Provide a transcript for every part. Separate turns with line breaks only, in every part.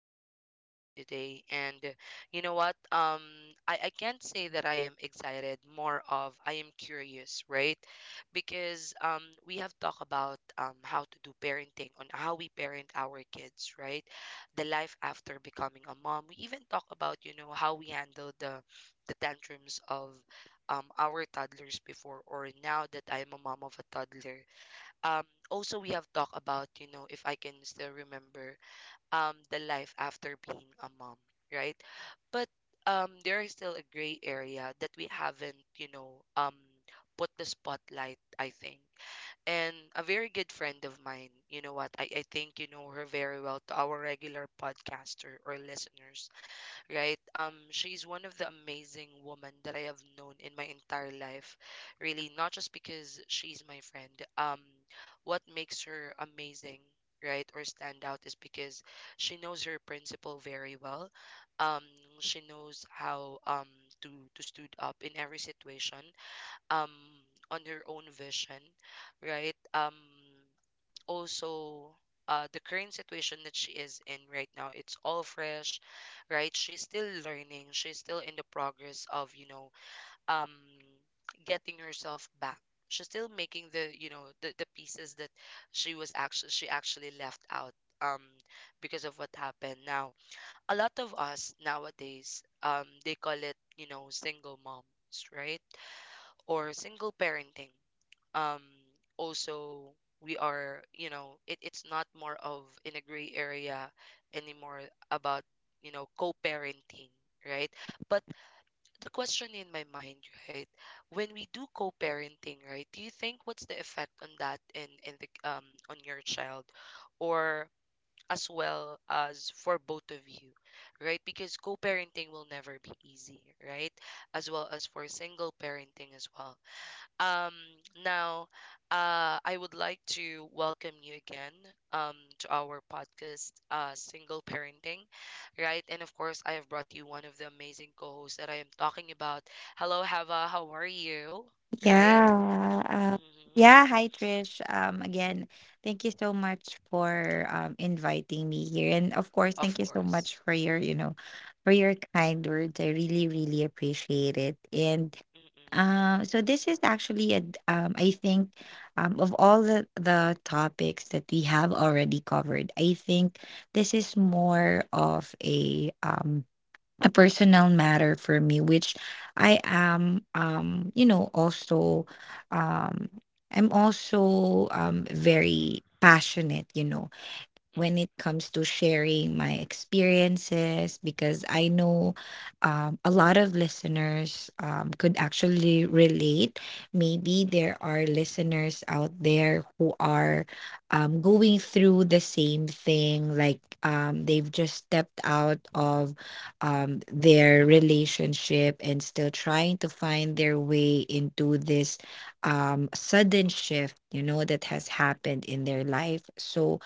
podcast for today. And you know what? I can't say that I am excited, more of I am curious, right? Because we have talked about how to do parenting, on how we parent our kids, right? The life after becoming a mom. We even talk about, you know, how we handle the tantrums of our toddlers before, or now that I am a mom of a toddler. um Also we have talked about, you know, if I can still remember, the life after being a mom, right? But there is still a gray area that we haven't, you know, put the spotlight, I think. And a very good friend of mine, you know what, I think you know her very well, to our regular podcaster or listeners, right? She's one of the amazing women that I have known in my entire life. Really, not just because she's my friend. Um, what makes her amazing, right, or stand out, is because she knows her principle very well. Um, she knows how um to to stood up in every situation. Um, on her own vision, right? Also The current situation that she is in right now, it's all fresh, right? She's still learning, she's still in the progress of, you know, um getting herself back. She's still making, the you know, the pieces that she actually left out, um because of what happened. Now a lot of us nowadays, they call it, you know, single moms, right? Or single parenting. Um also We are, you know, it's not more of in a gray area anymore, about, you know, co-parenting, right? But the question in my mind, right, when we do co-parenting, right, do you think what's the effect on that, in the on your child, or as well as for both of you, right? Because co-parenting will never be easy, right? As well as for single parenting as well. um, Now, I would like to welcome you again, um, to our podcast, Single Parenting, right? And of course, I have brought you one of the amazing co hosts that I am talking about. Hello, Hava. How are you? Right?
Yeah. Um,
Hmm.
yeah. Hi, Trish. Again, thank you so much for inviting me here. And of course, thank
Of
you so
course.
much for your for your kind words. I really, really appreciate it. And
Mm-mm,
so this is actually I think, of all the topics that we have already covered, I think this is
mm-mm,
more of a a personal matter for me which I am you know also um I'm also very passionate, you know, when it
mm,
comes to sharing my experiences because I know a lot of listeners could actually relate. Maybe
mm-mm,
there are
mm-mm,
listeners out there who are going through the same thing, like they've just stepped out of their relationship and still trying to find their way into this sudden shift, you know, that has happened in their life. So,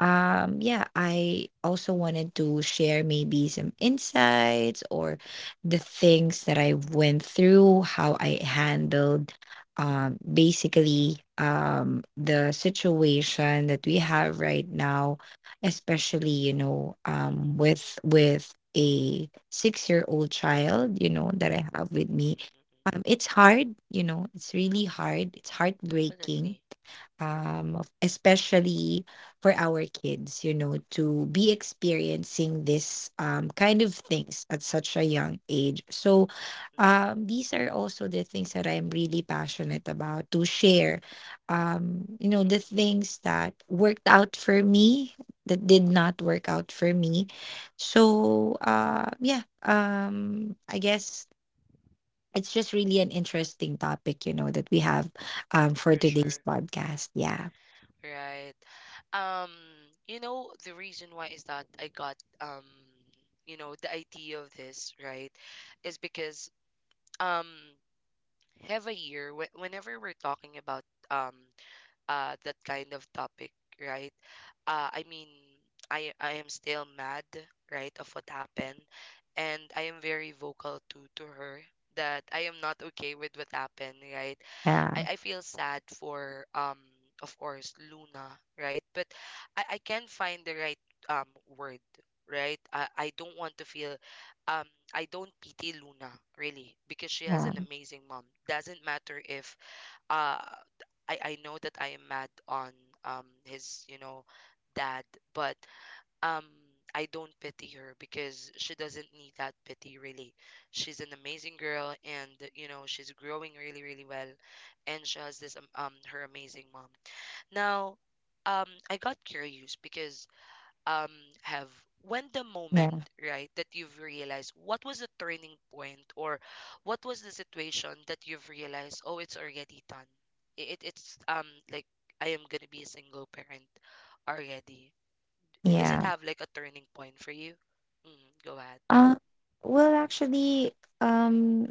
mm-mm, mm-mm,
yeah, I also wanted to share maybe some insights or the things that I went through, how I handled basically the situation that we have right now, especially, you know,
mm-mm,
with a six-year-old child, you know, that I have with
mm-mm,
me.
mm-mm.
It's hard, you know, it's really hard. It's heartbreaking
Definitely.
especially for our kids, you know, to be experiencing this kind of things at such a young age. So
Mm-mm,
these are also the things that I'm really passionate about to share, you know, the
mm-mm,
things that worked out for me, that
mm-mm,
did not
mhm.
work out for me. So I guess it's just really an interesting topic, you know, that we have for
For
today's
sure.
podcast. Yeah.
Right. Um, you know, the reason why is that I got, you know, the idea of this, right, is because um have a year wh whenever we're talking about um that kind of topic, right? I mean, I am still mad, right, of what happened, and I am very vocal to her that I am not okay with what happened, right? I,
Yeah,
I feel sad for, of course, Luna, right? But I can't find the right um word, right? I don't want to feel, um I don't pity Luna really, because she has
yeah,
an amazing mom. Doesn't matter if uh I know that I am mad on his, you know, dad, but um I don't pity her because she doesn't need that pity really. She's an amazing girl, and you know, she's growing really, really well, and she has this her amazing mom. Now I got curious because um have when the moment,
yeah,
right, that you've realized, what was the turning point, or what was the situation that you've realized, oh, it's already done. It's like I am going to be a single parent already. Does it
yeah.
have like a turning point for you? Mm, go ahead.
Uh, well, actually, um,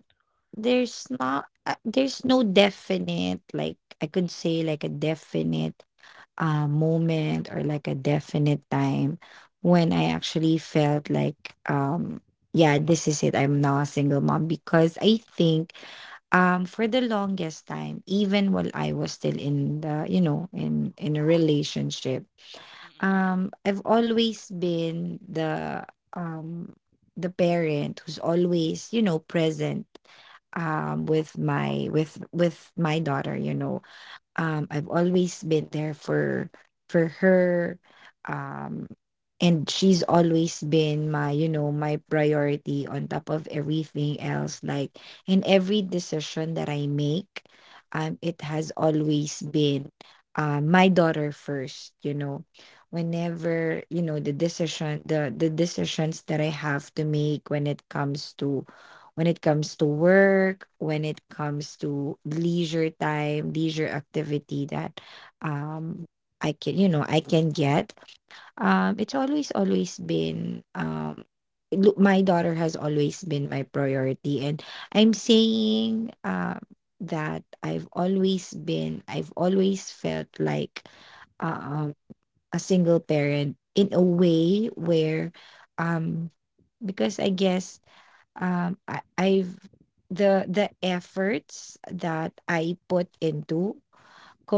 there's no definite, like I could
Mm-mm,
say, like a definite, moment or like a definite time when I actually felt like, yeah, this is it. I'm now a single mom because I think,
mm-mm,
for the longest time, even while I was still in in a relationship.
mm-mm, mm-mm,
I've always been the um the parent who's always, you know, present with my daughter, you know. I've always been there for her, um and she's always been my, you know, my priority on top of everything else. Like in every decision that I make, it has always been, my daughter first, you know, whenever, you know, the decision, the decisions that I have to make when it comes to, when it comes to work, when it comes to leisure time, leisure activity that um
mm-mm,
I can, you know, I can get. It's always, always been, look, my daughter has always been my priority, and I'm saying that I've always been, I've always felt like um, a single parent in a
mm-mm,
way where um because I guess, I, I've the efforts that I put into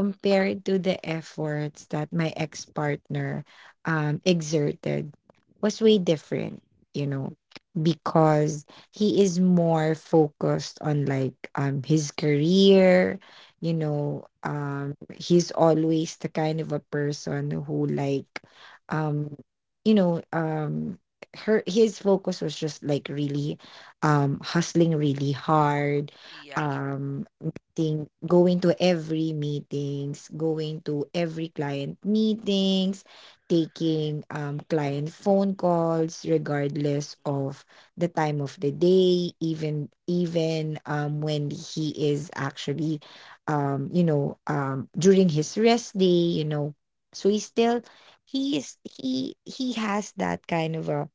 mm-mm,
to the efforts that my ex partner exerted was way different,
mm-mm,
you know, because he is more focused on like his career, you know,
mm-mm.
he's always the kind of a person who like, um, you know, her his focus was just like really hustling really hard.
Yeah.
um Meeting, going to every meetings, going to every client meetings, taking client phone calls regardless
Mm-mm,
of the time of the day, even when he is actually, you know, during his rest day, you know. So
mm-mm,
he is he has that kind of a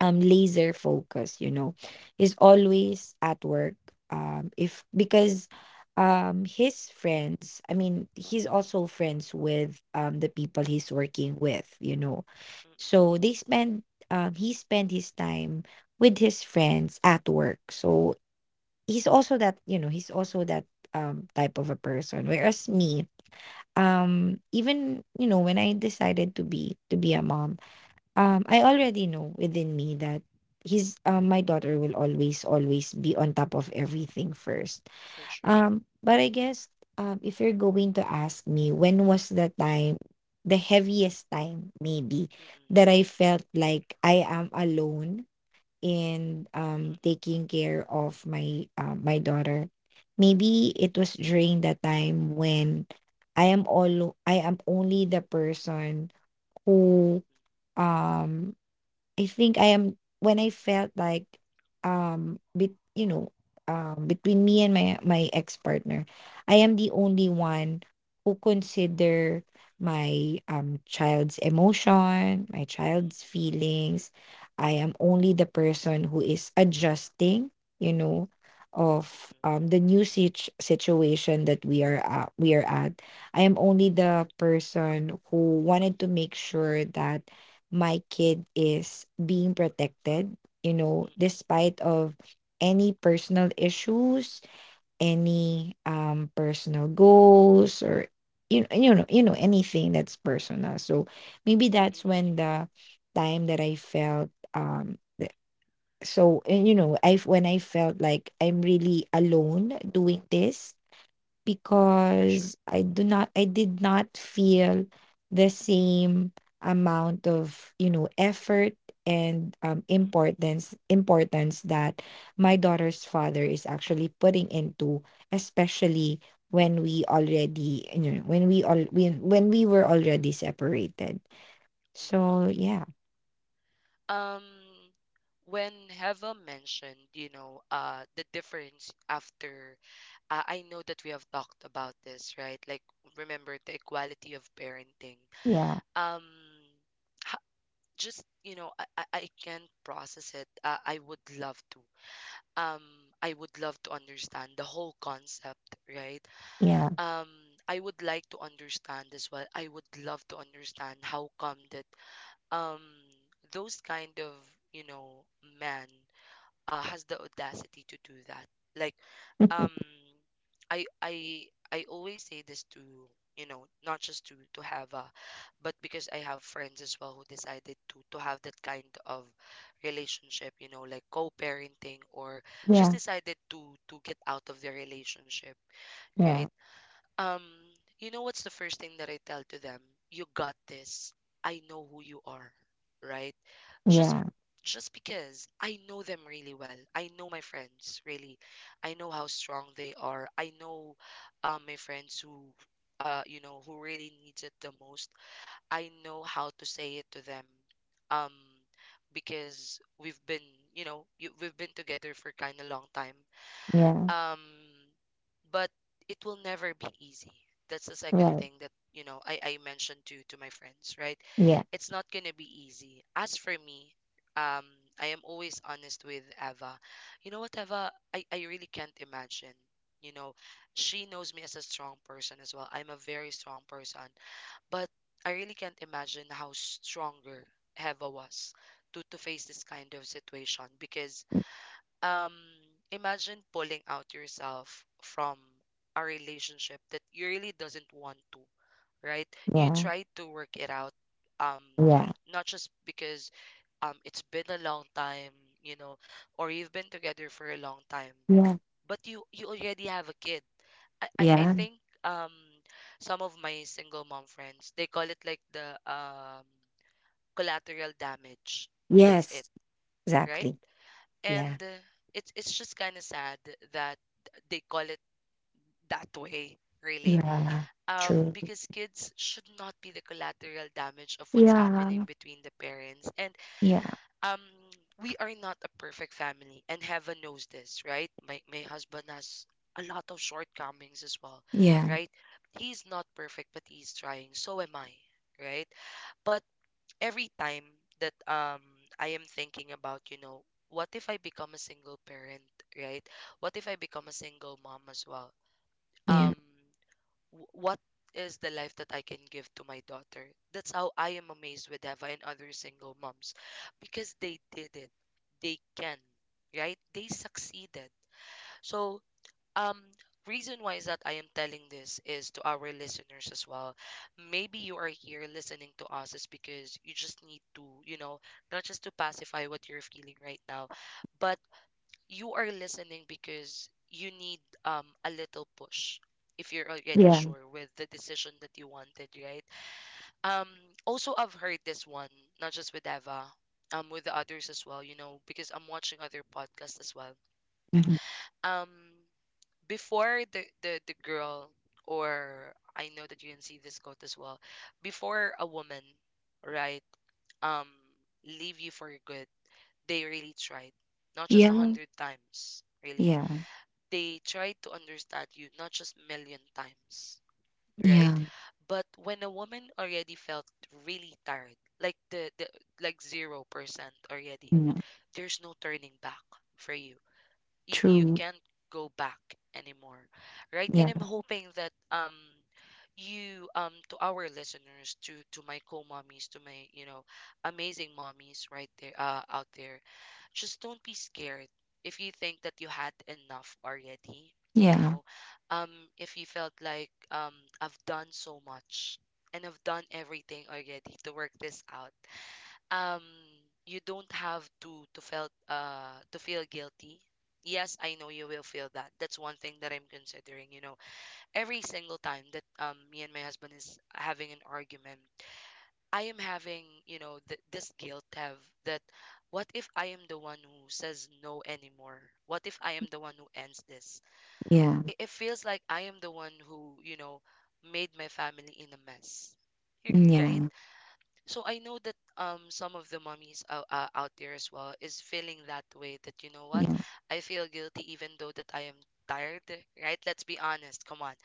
laser focus, you know, he's
mm-mm,
always at work. If because His friends, I mean, he's also friends with the people he's working with, you know.
mm-mm,
So
mm-mm,
they spend he spent his time with his friends at work. So he's also that, you know, he's also that type of a person. Whereas me, even, you know, when I decided to be a mom, I already know
mm-mm.
within me that he's my daughter will always, always be on top of everything first.
For sure.
But I guess if you're going to ask me when was the time, the heaviest time maybe, that
Mm-mm,
I felt like I am alone in
mm-mm, mm-mm,
taking care of my my daughter. Maybe it was during the time when I am only the person
mm-mm,
who um I think I am when I felt like um bet you know between me and my ex partner, I am the only one who consider my child's emotion, my child's
mm-mm,
feelings. I am only the person who is adjusting, you know, of
mm-mm,
the new situation that we are at, I am only the person who wanted to make sure that my kid is being protected, you know,
mm-mm,
despite of any personal issues, any personal goals, or you know, anything that's personal. So maybe that's when
mm-mm.
the time that I felt so, and, you know, I when I felt like I'm really alone doing this.
For sure.
Because I
Mm-mm,
do not I did not feel the same amount of, you know, effort and, importance, that my daughter's father is actually putting into, especially when we already, you know, when we were already separated.
mm-mm, mm-mm.
So yeah.
Um, when Heva mentioned, you know, the difference after, I know that we have talked about this, right? Like, remember the equality of parenting.
Yeah.
Um, ha- just, you know, I can't process it. I would love to. Um, I would love to understand the whole concept, right?
Yeah.
Um, I would like to understand as well. I would love to understand how come that um those kind of, you know, men has the audacity to do that. Like, um, I I always say this to, you know, not just to have a, but because I have friends as well who decided to have that kind of relationship, you know, like co-parenting, or just
Yeah.
decided to get out of their relationship,
Yeah.
right? Um, you know what's the first thing that I tell to them? You got this. I know who you are, right? Just
Yeah.
just because I know them really well. I know my friends really. I know how strong they are. I know my friends who you know, who really needs it the most. I know how to say it to them. Um because we've been, you know, we've been together for kind of long time,
Yeah.
um but it will never be easy. That's the second
Right.
thing that you know I mentioned to my friends, right?
Yeah.
It's not gonna be easy. As for me, um I am always honest with Eva. You know what, Eva, I really can't imagine, you know, she knows me as a strong person as well. I'm a very strong person, but I really can't imagine how stronger Eva was to face this kind of situation. Because um imagine pulling out yourself from a relationship that you really doesn't want to, right? You
Yeah.
try to work it out. um
Yeah.
not just because it's been a long time, you know, or you've been together for a long time,
Yeah.
but you already have a kid. I
Yeah.
think um some of my single mom friends, they call it like the, collateral damage. That's it,
Yes.
right?
Exactly.
And
Yeah.
it's just kind of sad that they call it that way, really.
Yeah. True.
Because kids should not be the collateral damage of what's happening
Yeah.
between the parents. And
Yeah.
um we are not a perfect family, and heaven knows this, right? My husband has a lot of shortcomings as well,
Yeah.
right? He's not perfect, but he's trying, so am I, right? But every time that I am thinking about, you know, what if I become a single parent, right? What if I become a single mom as well?
Yeah.
Um, what is the life that I can give to my daughter? That's how I am amazed with Eva and other single moms, because they did it. They can, right? They succeeded. So um Reason why is that I am telling this is to our listeners as well. Maybe you are here listening to us is because you just need to, you know, not just to pacify what you're feeling right now, but you are listening because you need a little push, if you're already
Yeah.
sure with the decision that you wanted, right? Um also I've heard this one, not just with Eva, with the others as well, you know, because I'm watching other podcasts as well.
Mhm.
Um before the girl, or I know that you can see this quote as well, before a woman, right, um leave you for good, they really tried, not just a
Yeah.
hundred times, really.
Yeah.
They tried to understand you, not just million times, right?
Yeah.
But when a woman already felt really tired, like the like 0% already,
Yeah.
there's no turning back for you. You
True.
can't go back anymore, right? And
Yeah.
I'm hoping that you, to our listeners, to my co-mommies, to my, you know, amazing mommies right there, out there, just don't be scared. If you think that you had enough already, you
Yeah.
know, um if you felt like, I've done so much, and I've done everything already to work this out, um you don't have to feel guilty. Yes, I know you will feel that. That's one thing that I'm considering, you know, every single time that me and my husband is having an argument, I am having, you know, this guilt, have, that what if I am the one who says no anymore? What if I am the one who ends this?
Yeah.
It feels like I am the one who, you know, made my family in a mess. Right?
Yeah.
So I know that some of the mummies out there as well is feeling that way, that you know what,
Yeah.
I feel guilty even though that I am tired, right? Let's be honest, come on.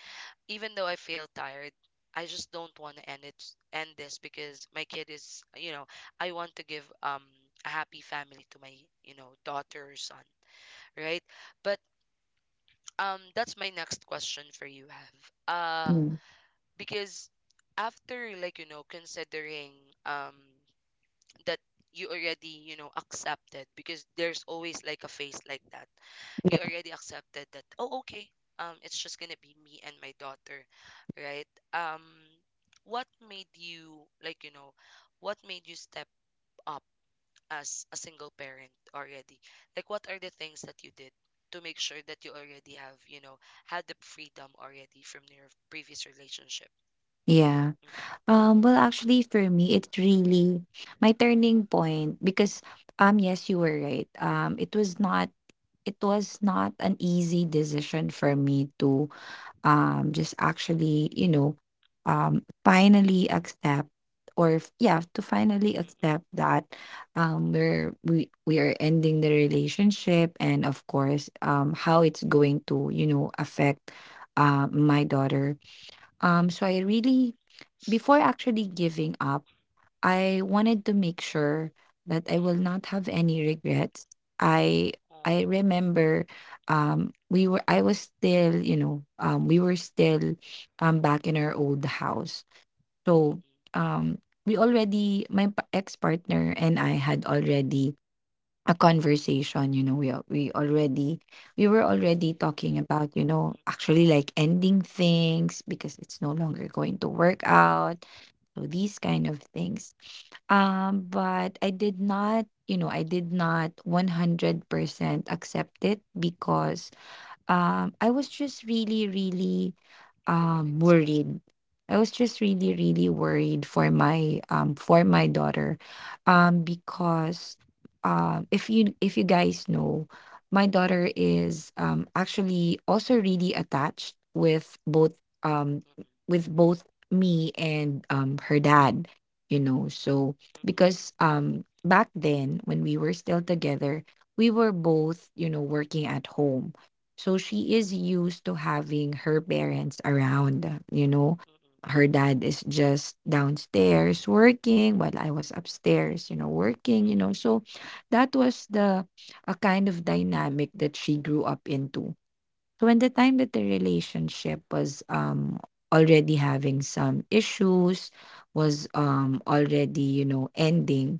Even though I feel tired, I just don't want to end it, end this, because my kid is, you know, I want to Give a happy family to my, you know, daughter or son, right? But that's my next question for you, Have. uh
Mm,
because after, like, you know, considering um that you already, you know, accepted, because there's always like a phase like that.
Yeah.
You already accepted that, oh okay, it's just gonna be me and my daughter, right? um what made you, like, you know, what made you step up as a single parent already? Like, what are the things that you did to make sure that you already have, you know, had the freedom already from your previous relationship?
Yeah.
Mm-mm,
Well, actually, for me, it's really my turning point because, yes, you were right. It was not an easy decision for me to just actually, you know, finally accept, or f- yeah to finally
mm-mm,
accept that we are ending the relationship, and of course how it's going to, you know, affect, my daughter. Um, so I really, before actually
mm-mm,
giving up, I wanted to make sure that I will not
mm-mm,
have any regrets. I I
oh,
remember we were I was still, you know, we were still back in our old house. So
mm-mm,
um we already, my ex-partner and I had already a conversation, you know, we were already talking about, you know,
mm-mm.
actually like ending things because it's no longer going to work out. So these kind of things, but I did not, you know, I did not 100% accept it because, I was just really, really,
Hoping as well.
worried. I was just
Mm-mm,
really, really worried for my, for my daughter,
mm-mm,
because if you, if you guys know, my daughter is, actually also really attached with both, um, with both me and, her dad. You know, so
mm-mm, mm-mm,
because, back then when we were still together, we were both, you know, working at home, so she is used to having her parents around, you know.
mm-mm,
Her dad is just downstairs working while I was
mm-mm,
upstairs, you know,
mm-mm,
working,
mm-mm,
you
mm-mm,
know. So that was
mm-mm,
the a kind of dynamic that she grew up into. So when the time that the relationship was already having some issues, was already, you know, ending,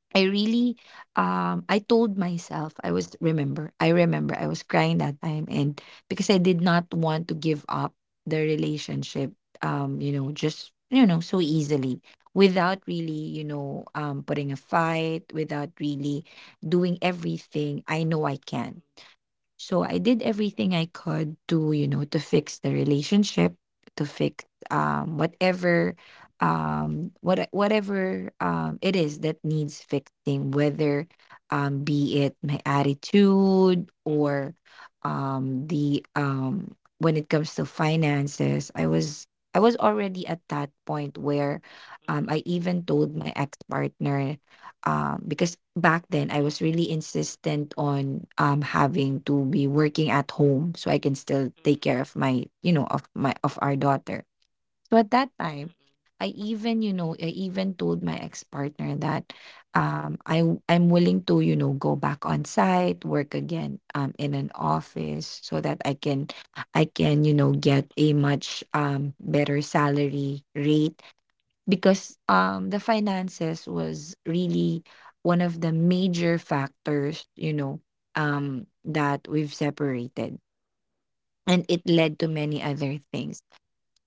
mm-mm, mm-mm,
I
mm-mm, mm-mm, mm-mm, mm-mm,
really
mm-mm,
I told myself, I remember I was crying that time. And because I did not want to give up the relationship, you know,
mm-mm,
just, you know, so easily without really, you know, putting a fight, without really doing everything I know
mm-mm,
I
mm-mm, mm-mm, mm-mm, mm-mm,
can.
mm-mm,
So I did everything I could to, you know, to fix the relationship, to fix um whatever whatever it is that needs fixing, whether be it my attitude, or the when it comes to finances. I was already at that point where, I even told my ex-partner, because back then I was really insistent on, having to be working at home so I can still take care of my, you know, of my of our daughter. So at that
mm-mm,
time,
mm-mm,
I even, you know, I even told my ex partner that, I I'm willing to, you know, go back on site, work again, in an office so that I can, you know, get a much, better salary rate. Because, the finances was really one of the major factors, you know, that we've separated. And it led to many other things.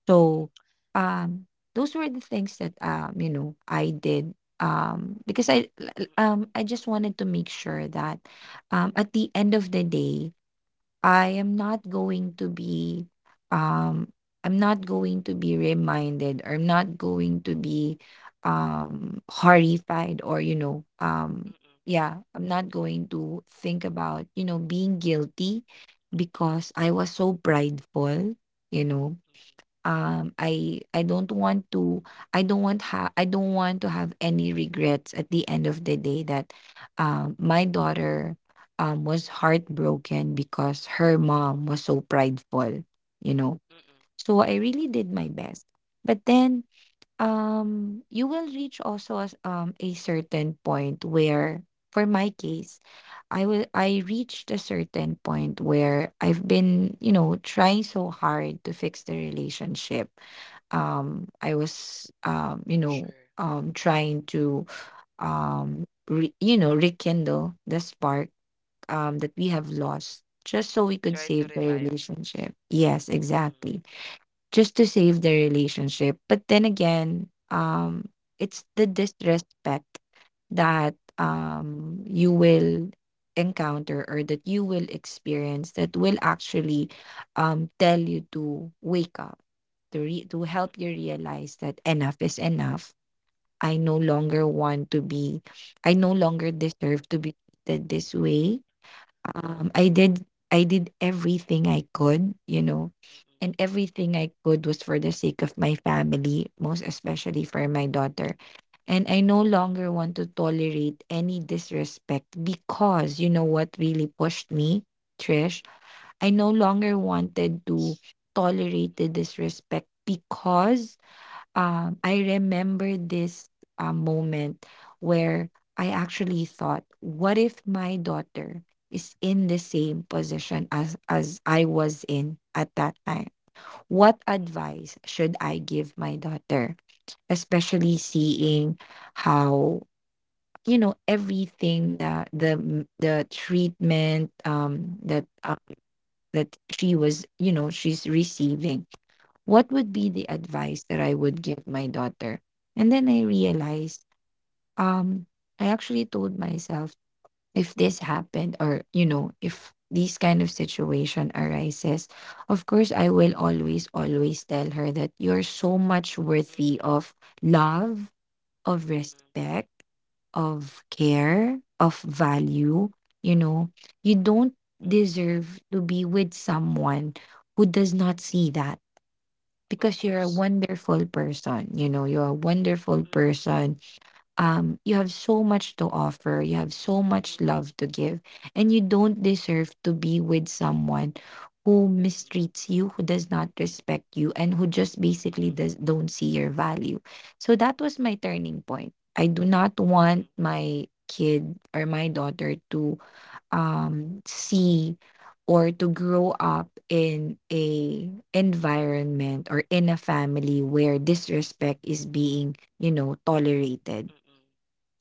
So, um, those were the things that, you know, I did. Because I, l- l- I just wanted to make sure that, at the end of the day, I am not going to be um I'm not going to be reminded, or I'm not going to be horrified, or yeah, I'm not going to think about being guilty because I was so prideful, you know. I don't want to I don't want to have any regrets at the end of the day that, my daughter, was heartbroken because her mom was so prideful, you know.
mm-mm, mm-mm.
So I really did my best, but then, you will reach also, as, a certain point where, for my case, I reached a certain point where I've been, you know, trying so hard to fix the relationship. um i was um you
For
know
sure.
um trying to rekindle the spark that we have
Mm-mm.
lost, just so we could
Try to
save the
revive.
relationship. Yes,
Mm-mm,
exactly. Just to save their relationship. But then again, it's the disrespect that, you will encounter, or that you will experience, that will actually, tell you to wake up, to help you
mm-mm,
realize that enough is enough. I no longer want to be, I no longer deserve to be treated this way. I did, I did everything I could, you know,
mm-mm, mm-mm,
and everything I could was for the sake of my family, most especially for my daughter. And I
mm-mm, mm-mm,
no longer want to tolerate any disrespect, because you know what really pushed me,
mm-mm,
Trish? I no longer wanted to
mm-mm,
tolerate the disrespect because, I remember this moment where I actually thought, what if my daughter is in the
mm-mm,
same position as I was in at that time? What advice should I give my daughter? Especially seeing how, everything that the treatment that that she was, you know, she's receiving. What would be the advice that I would give my daughter? And then I realized, um, I actually told myself, if this happened, or, you know, if these kind of situation arises, of course I will always, always tell her that you're so much
mm-mm,
worthy
mm-mm,
of love, of
mm-mm, mm-mm,
respect, of care, of value, you know, you don't
mm-mm.
deserve to be with someone who does not see that,
Of
because you're a
course.
wonderful person, you know, you're a wonderful
Mm-mm,
person. You have so much to offer, you have so much
mm-mm,
love to give, and you don't deserve to be with someone who
mm-mm,
mistreats you, who does not respect you, and who just
mm-mm,
basically
mm-mm,
does don't see your value. So that was my turning point. I do not
mm-mm,
want my kid or my daughter to, see, or to grow up in a environment or in a family where disrespect is being, you know, tolerated.
mm-mm.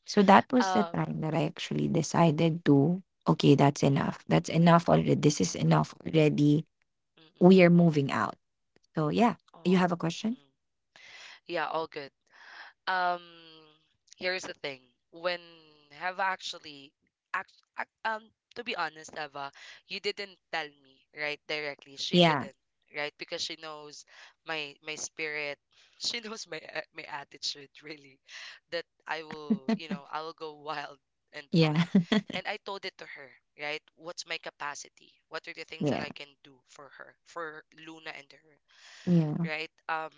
So that was the
Um,
time that I actually decided to, okay, that's
mm-mm,
enough. That's enough already. This is enough already.
mm-mm.
We are moving out. So yeah, you
Oh,
have a question?
mm. Yeah, all good. um Here's the thing. When have actually act, act, um to be honest, Eva, you didn't tell me, right, directly, she
Yeah.
didn't. Right, because she knows my spirit she knows my my attitude really, that I will, you know, I will go wild and all.
Yeah.
And I told it to her, right? What's my capacity? What are the things that
Yeah.
I can do for her, for Luna and her?
Yeah.
Right?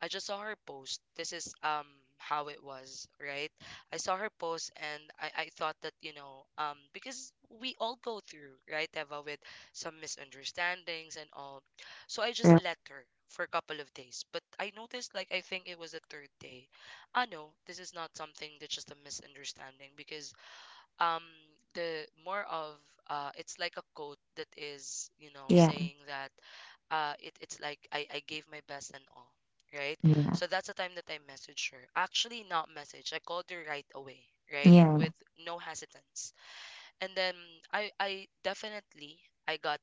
I just saw her post. This is how it was, right? I saw her post and I thought that, you know, because we all go through, right, Eva, with some misunderstandings and all. So I
Yeah.
just let her for a couple of days. But I noticed, like, I think it was the third day. Ah no, this is not something that's just a misunderstanding because um the more of it's like a quote that is, you know,
Yeah.
saying that it, it's like I gave my best and all, right? So that's the time that I messaged her. Actually, not message, I called her right away, right,
Yeah. Yeah.
with no hesitance. And then I definitely I got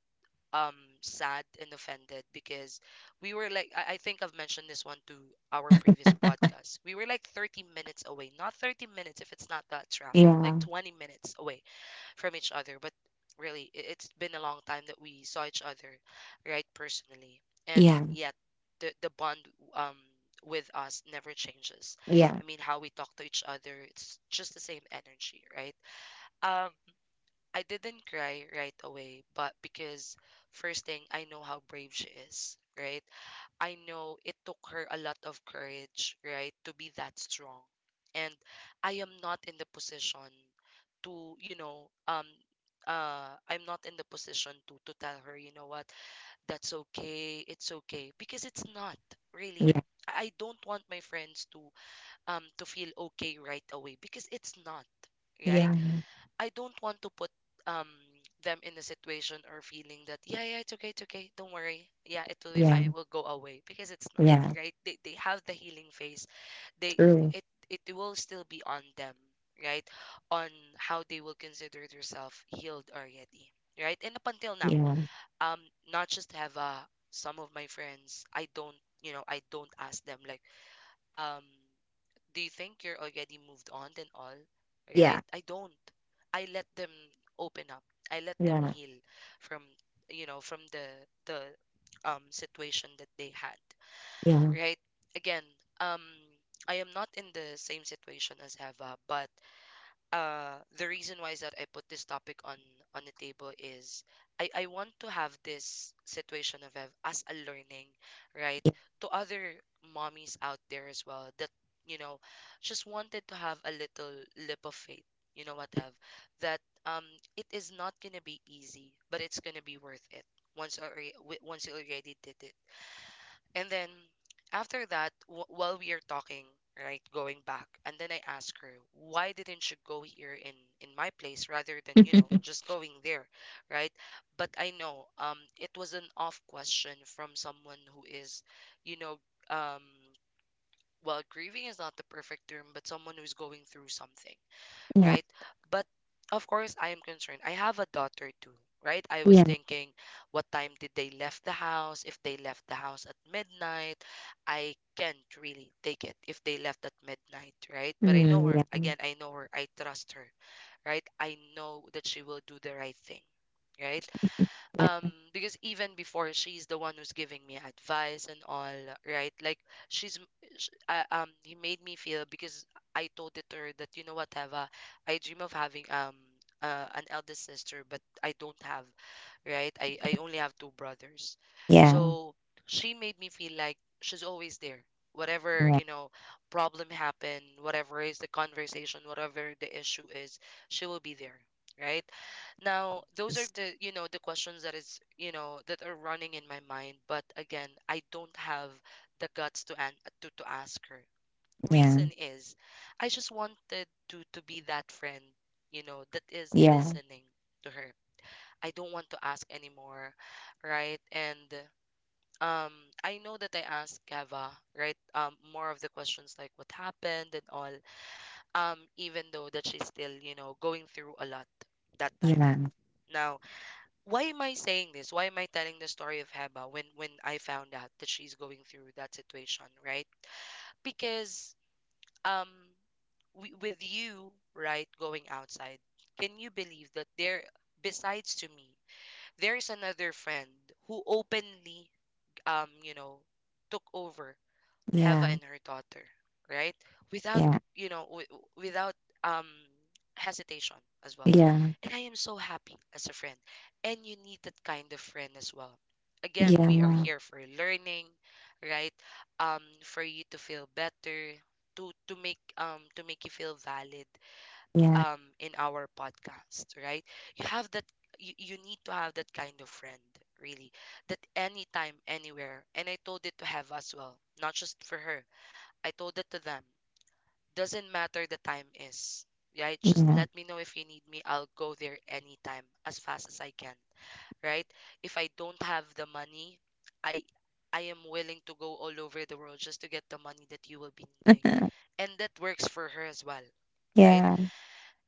um sad and offended because we were like, I think I've mentioned this one to our previous podcast, we were like 30 minutes away. Not 30 minutes, if it's not that traffic, like 20 minutes away from each other. But really, it's been a long time that we saw each other, right, personally. And yet, the bond um, with us never changes.
Yeah. Yeah.
I mean, how we talk to each other, it's just the same energy, right? Um, I didn't cry right away, but because first thing, I know how brave she is, right? I know it took her a lot of courage, right, to be that strong. And I am not in the position to, you know, I'm not in the position to tell her, you know what, that's okay, it's okay, because it's not,
Yeah.
really.
Yeah.
I don't want my friends to feel okay right away because it's not, right?
Yeah.
I don't want to put um them in a situation or feeling that, yeah, yeah, it's okay, it's okay, don't worry, yeah, it will be
Yeah.
fine, it will go away, because it's not,
Yeah.
right? They have the healing phase, they,
True.
it it will still be on them, right, on how they will consider themselves healed already, right? And up until now
Yeah.
um not just have some of my friends, I don't, you know, I don't ask them, like, um do you think you're already moved on and all,
Yeah.
right? I don't. I let them open up, I let them
Yeah.
heal from, you know, from the situation that they had,
Yeah.
right? Again, um I am not in the same situation as Eva, but the reason why is that I put this topic on the table is I want to have this situation of Ev as a learning, right?
Yeah.
To other mommies out there as well, that, you know, just wanted to have a little lip of faith. You know what, Ev? That um it is not gonna be easy, but it's gonna be worth it once already, once you already did it. And then after that, while we are talking, right, going back, and then I ask her, why didn't you go here in my place rather than, you know, just going there, right? But I know it was an off question from someone who is, you know, um well, grieving is not the perfect term, but someone who's going through something,
Yeah.
right? But of course, I am concerned. I have a daughter too, right? I was
Yeah.
thinking, what time did they left the house? If they left the house at midnight, I can't really take it if they left at midnight, right? But I know
Mm.
her. Again, I know her. I trust her, right? I know that she will do the right thing, right?
Yeah.
um because even before, she's the one who's giving me advice and all, right? Like she's m- he made me feel, because I told it to her that, you know what, Eva, I dream of having an eldest sister, but I don't have, right? I only have two brothers.
Yeah.
So she made me feel like she's always there. Whatever,
Yeah.
you know, problem happen, whatever is the conversation, whatever the issue is, she will be there. Right? Now, those are the, you know, the questions that is, you know, that are running in my mind. But again, I don't have the guts to to ask her. Reason
Yeah.
is I just wanted to be that friend, you know, that is
Yeah. Yeah.
listening to her. I don't want to ask anymore, right? And um, I know that I asked Gava, right? More of the questions like what happened and all. Even though that she's still, you know, going through a lot that time.
Yeah.
Now, why am I saying this? Why am I telling the story of Heba when I found out that she's going through that situation, right? Because um, with you, right, going outside, can you believe that there, besides to me, there's another friend who openly you know, took over Heva
Yeah.
and her daughter, right, without,
Yeah.
you know, without um hesitation as well.
Yeah,
And I am so happy as a friend. And you need that kind of friend as well. Again, we are
yeah,
here for learning, right? For you to feel better, to make you feel valid
yeah,
in our podcast, right? You have that. You need to have that kind of friend, really. That anytime, anywhere. And I told it to have as well. Not just for her. I told it to them. Doesn't matter the time is. Right? Just
yeah,
let me know if you need me. I'll go there anytime as fast as I can. Right? If I don't have the money, I I am willing to go all over the world just to get the money that you will be needing. And that works for her as well. Right?
yeah,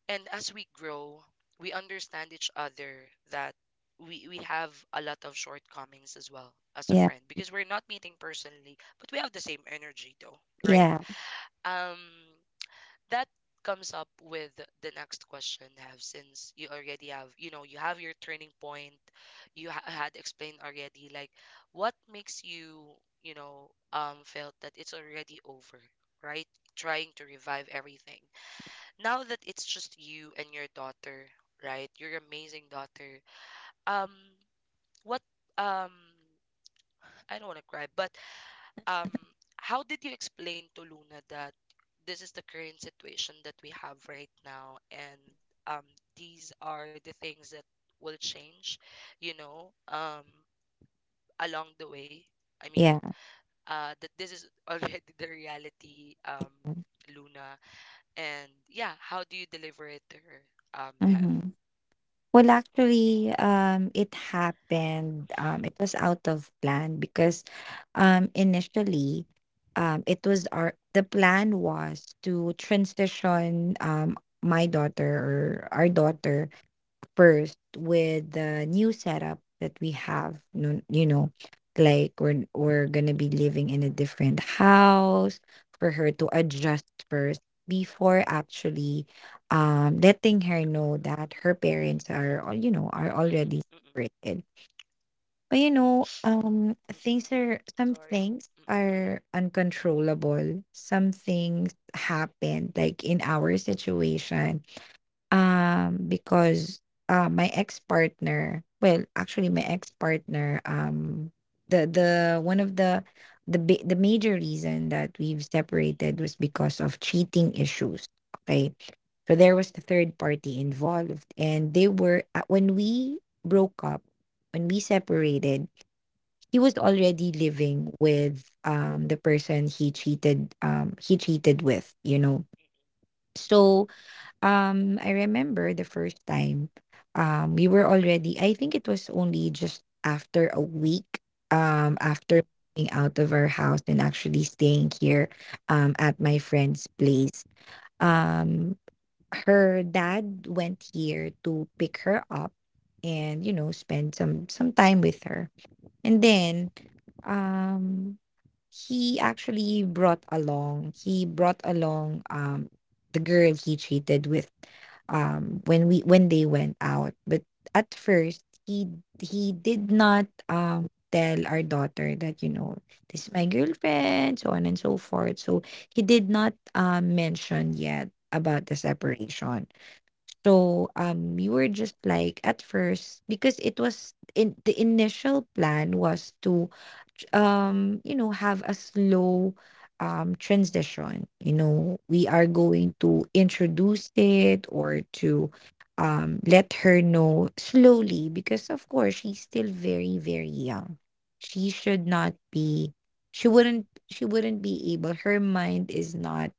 And as we grow, we understand each other that we have a lot of shortcomings as well as a
yeah,
friend, because we're not meeting personally, but we have the same energy though, right?
yeah,
Um, that comes up with the next question, Have. Since you already have, you know, you have your turning point, you had explained already, like, what makes you, you know, felt that it's already over, right, trying to revive everything. Now that it's just you and your daughter, right? Your amazing daughter. Um, what um I don't want to cry, but um how did you explain to Luna that this is the current situation that we have right now, and um these are the things that will change, you know, along the way. I mean,
yeah.
that this is already the reality, Luna. And yeah, how do you deliver it to her? Have.
Mm-hmm. Well, actually, it happened. It was
Mm-mm,
out of plan because, initially, it was our the plan was to transition my daughter, or our daughter, first with the new setup that we have, you know, like we're gonna be living in a different house for her to adjust first before actually letting her know that her parents are, you know, are
mm-mm,
already
mm-mm,
separated. But you know,
mm-mm.
things are, some
Sorry.
things
Mm-mm.
are uncontrollable, some things happen, like in our situation. Because, my ex-partner, the one of the bi the major reason that we've separated was because of cheating issues, okay? So there was the third party
Mm, mm,
involved, and they were, when we broke up, when we separated, he was already living with, the person he cheated, um, with, you know? So I remember the first time, we were already, I think it was only just after a week,
mm,
after moving out of our house and actually staying here, at my friend's place. Um, Her dad went here to pick her up and, you know, spend some time with her. And then, um, he actually brought along, the girl he cheated with, when they went out. But at first, he did not, tell our daughter that, you know, "This is my girlfriend," so on and so forth. So, he did not, mention yet about the separation.
mm,
So
mm, mm,
you were just like at first, because it was in the initial plan was to, have a slow transition. You know, we are going to introduce it, or to let her know slowly, because of course she's still very, very young. She
mm.
should not be, she wouldn't be able, her mind is not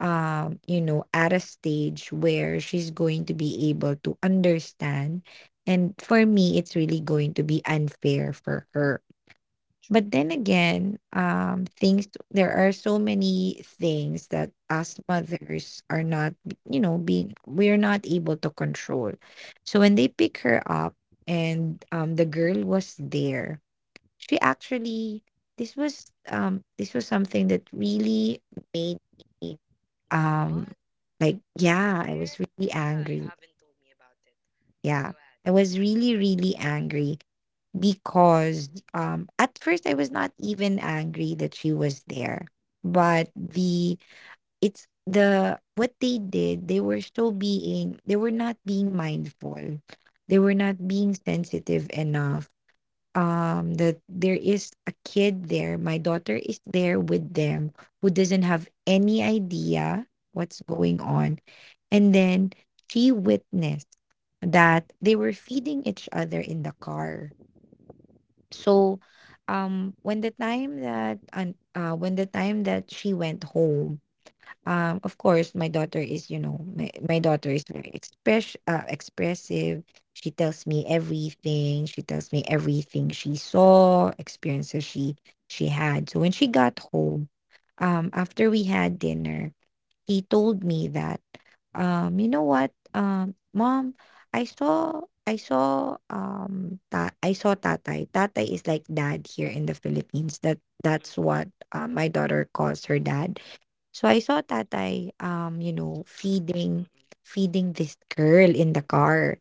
you know, at a stage where she's going to be able to understand. And for me, it's really going to be unfair for her.
True.
But then again, things, there are so many things that us mothers are not, you know, being, we're not able to control. So when they pick her up, and the girl was there, she actually, this was something that really made me
Wait,
um
what?
like,
She
yeah,
was
I was
there?
really
Yeah, you
angry.
haven't told me about it. Yeah,
Yeah,
go ahead.
I was really, really angry,
Mm-mm,
because at first I was not even angry that she was there, but the, it's the, what they did, they were still
mm-mm,
being, they were not being mindful, they were
mm,
not being sensitive enough, that there is a kid there, my daughter is there with them, who doesn't have any idea what's going on. And then she witnessed that they were feeding each other in the car.
mm-mm. Oh.
So when the time that, and when the time that she went home, of course, my daughter is, you know, my daughter is very expressive. She tells me everything, she tells me everything she saw, experiences she had. So when she got home, after we had dinner, he told me that, you know what, mom, I saw, I saw Tatay. Tatay is like dad here in the Philippines, that that's
Mm-mm,
what my daughter calls her dad. So I saw Tatay, you know,
mm-mm,
feeding,
mm-mm,
feeding this girl in the car.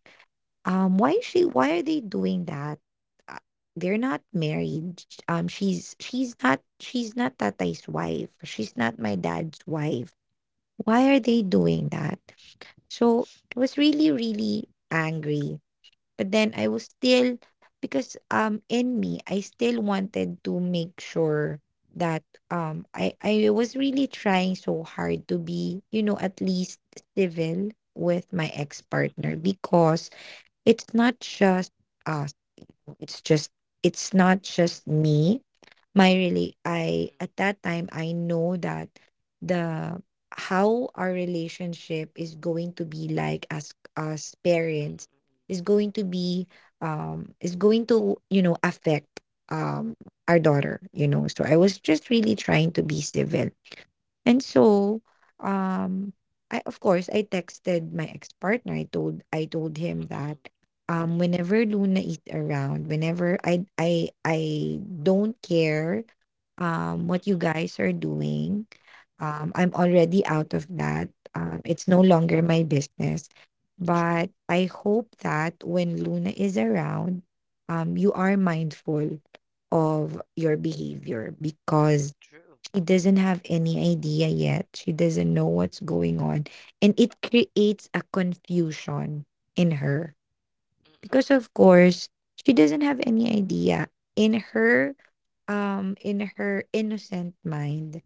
mm-mm,
Why is she? Why are they doing that? Uh, They're not married. She's not, she's not Tatay's wife. She's not my dad's wife. Why are they
mm-mm,
doing that? So I was
mm-mm,
really, really angry, but then I was still, because in me I still wanted to make sure that I was really trying so hard to be, you know, at least civil with my
mm-mm,
ex-partner, because it's not just us, it's just, it's not just me. My really I, at that time, I know that the, how our relationship is going to be like as
mm-mm,
parents,
mm-mm,
is going to be is going to, you know, affect, um our daughter, you know. So I was just really trying to be civil. And so, um, I, of course I texted my ex-partner. I told
mm-mm, mm-mm,
him that,
mm-mm,
whenever Luna is around, whenever I don't care what you
mm-mm.
guys are doing. I'm already out of that. It's no longer my business.
True,
But I hope that when Luna is around, you are mindful of your behavior, because
true.
she doesn't have any idea yet. She doesn't know what's going on. And it creates a confusion in her.
Mm-mm,
Because of course, she doesn't have any idea. In her in her innocent mind,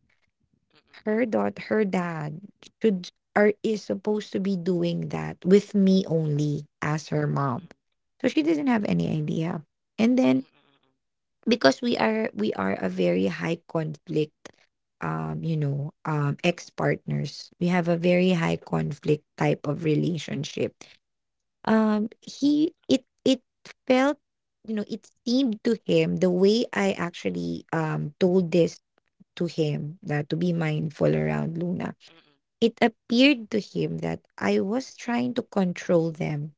mm-mm,
her dot her dad should, or is supposed to be, doing that with me only as her mom.
mm-mm,
So she doesn't have any idea. And then,
mm-mm, mm-mm,
because we are, a very high conflict ex partners, we have a very high conflict type of relationship. He It it felt, you know, it seemed to him, the way I
mm-mm,
actually told this to him, that to be mindful around Luna,
mm-mm,
it appeared to him that I was trying to control them.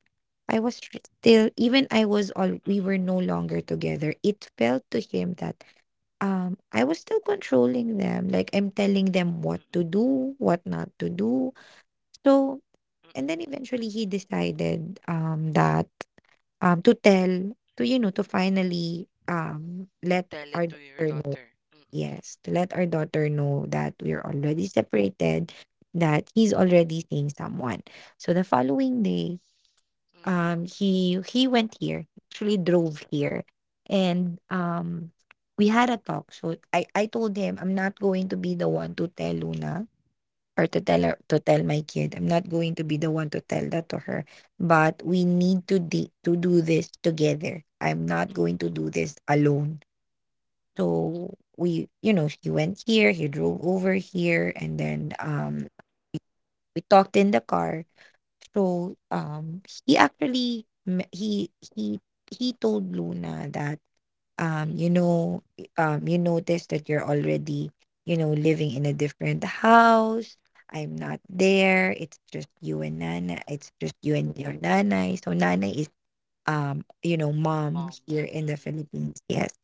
I was still, even, I was all we were
mm-mm,
no longer together, it felt to him that, I was still controlling them, like, I'm telling them what to
mm-mm,
do, what not to do. So,
mm-mm.
and then eventually he decided, to tell, to, you know, to finally, let
Tell
our
it to your
daughter know,
daughter. Mm-mm.
yes, to let our daughter know that we're already separated, that he's already seeing someone. So the following day
Mm.
he went here, actually drove here, and we had a talk. So I told him, I'm not going to be the one to tell Luna, or to tell her to tell my kid. I'm not going to be the one to tell that to her, but we need to to do this together. I'm not going
Mm-mm.
to do this alone.
Mm-mm.
So we, you know, he went here, he drove over here, and then we talked in the car. So, he actually m he he told Luna that,
Mm-mm.
you know, "You noticed that you're already, you know, living in a different house. I'm not there. It's just you and Nana. It's just you and your nanay." So, nanay is, you know, mom
Mom.
here in the
Mm-mm.
Philippines. Yes,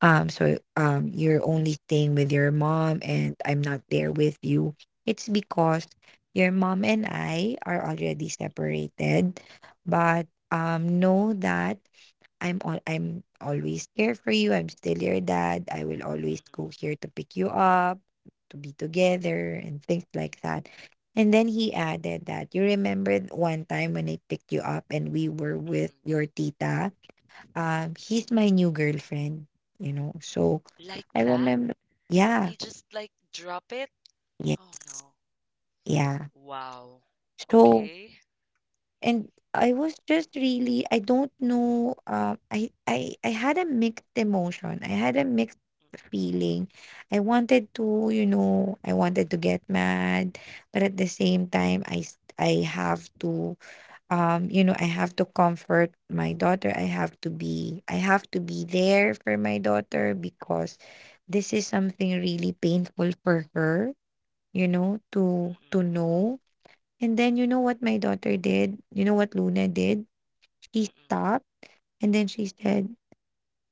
so, you're only staying with your mom and I'm not there with you. It's because your mom and I are already separated, but know that I'm always here for you. I'm still your dad. I will always
Mm-mm.
go here to pick you up, to be together and things like that. And then he added that, you remember one time when I picked you up and we were with
Mm-mm.
your tita. He's my new girlfriend, you know. So
Like
I
that?
remember. Yeah,
He just like drop it?
yeah,
Oh no.
yeah.
Wow.
So,
Okay.
and I was just really, I don't know, I had a mixed emotion, I had a mixed
Mm-mm.
feeling. I wanted to, you know, I wanted to get mad, but at the same time, I have to, you know, I have to comfort my daughter. I have to be, I have to be there for my daughter, because this is something really painful for her, you know, to know. And then, you know what my daughter did? You know what Luna did?
Mm-mm.
She
Mm-mm.
stopped and then she said,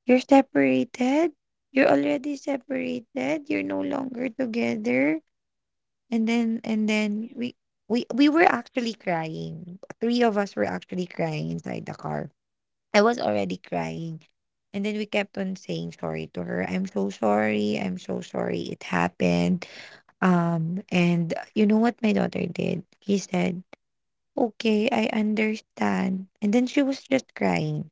"You're separated? You're already separated? You're no longer together?" And then
Yeah.
we were actually crying. Three
Mm-mm.
of us were actually crying inside the car. I was already crying. And then we kept on saying sorry to her. I'm so sorry. I'm so sorry it happened. And you know what my daughter did? He said, okay, I understand. And then she was just crying.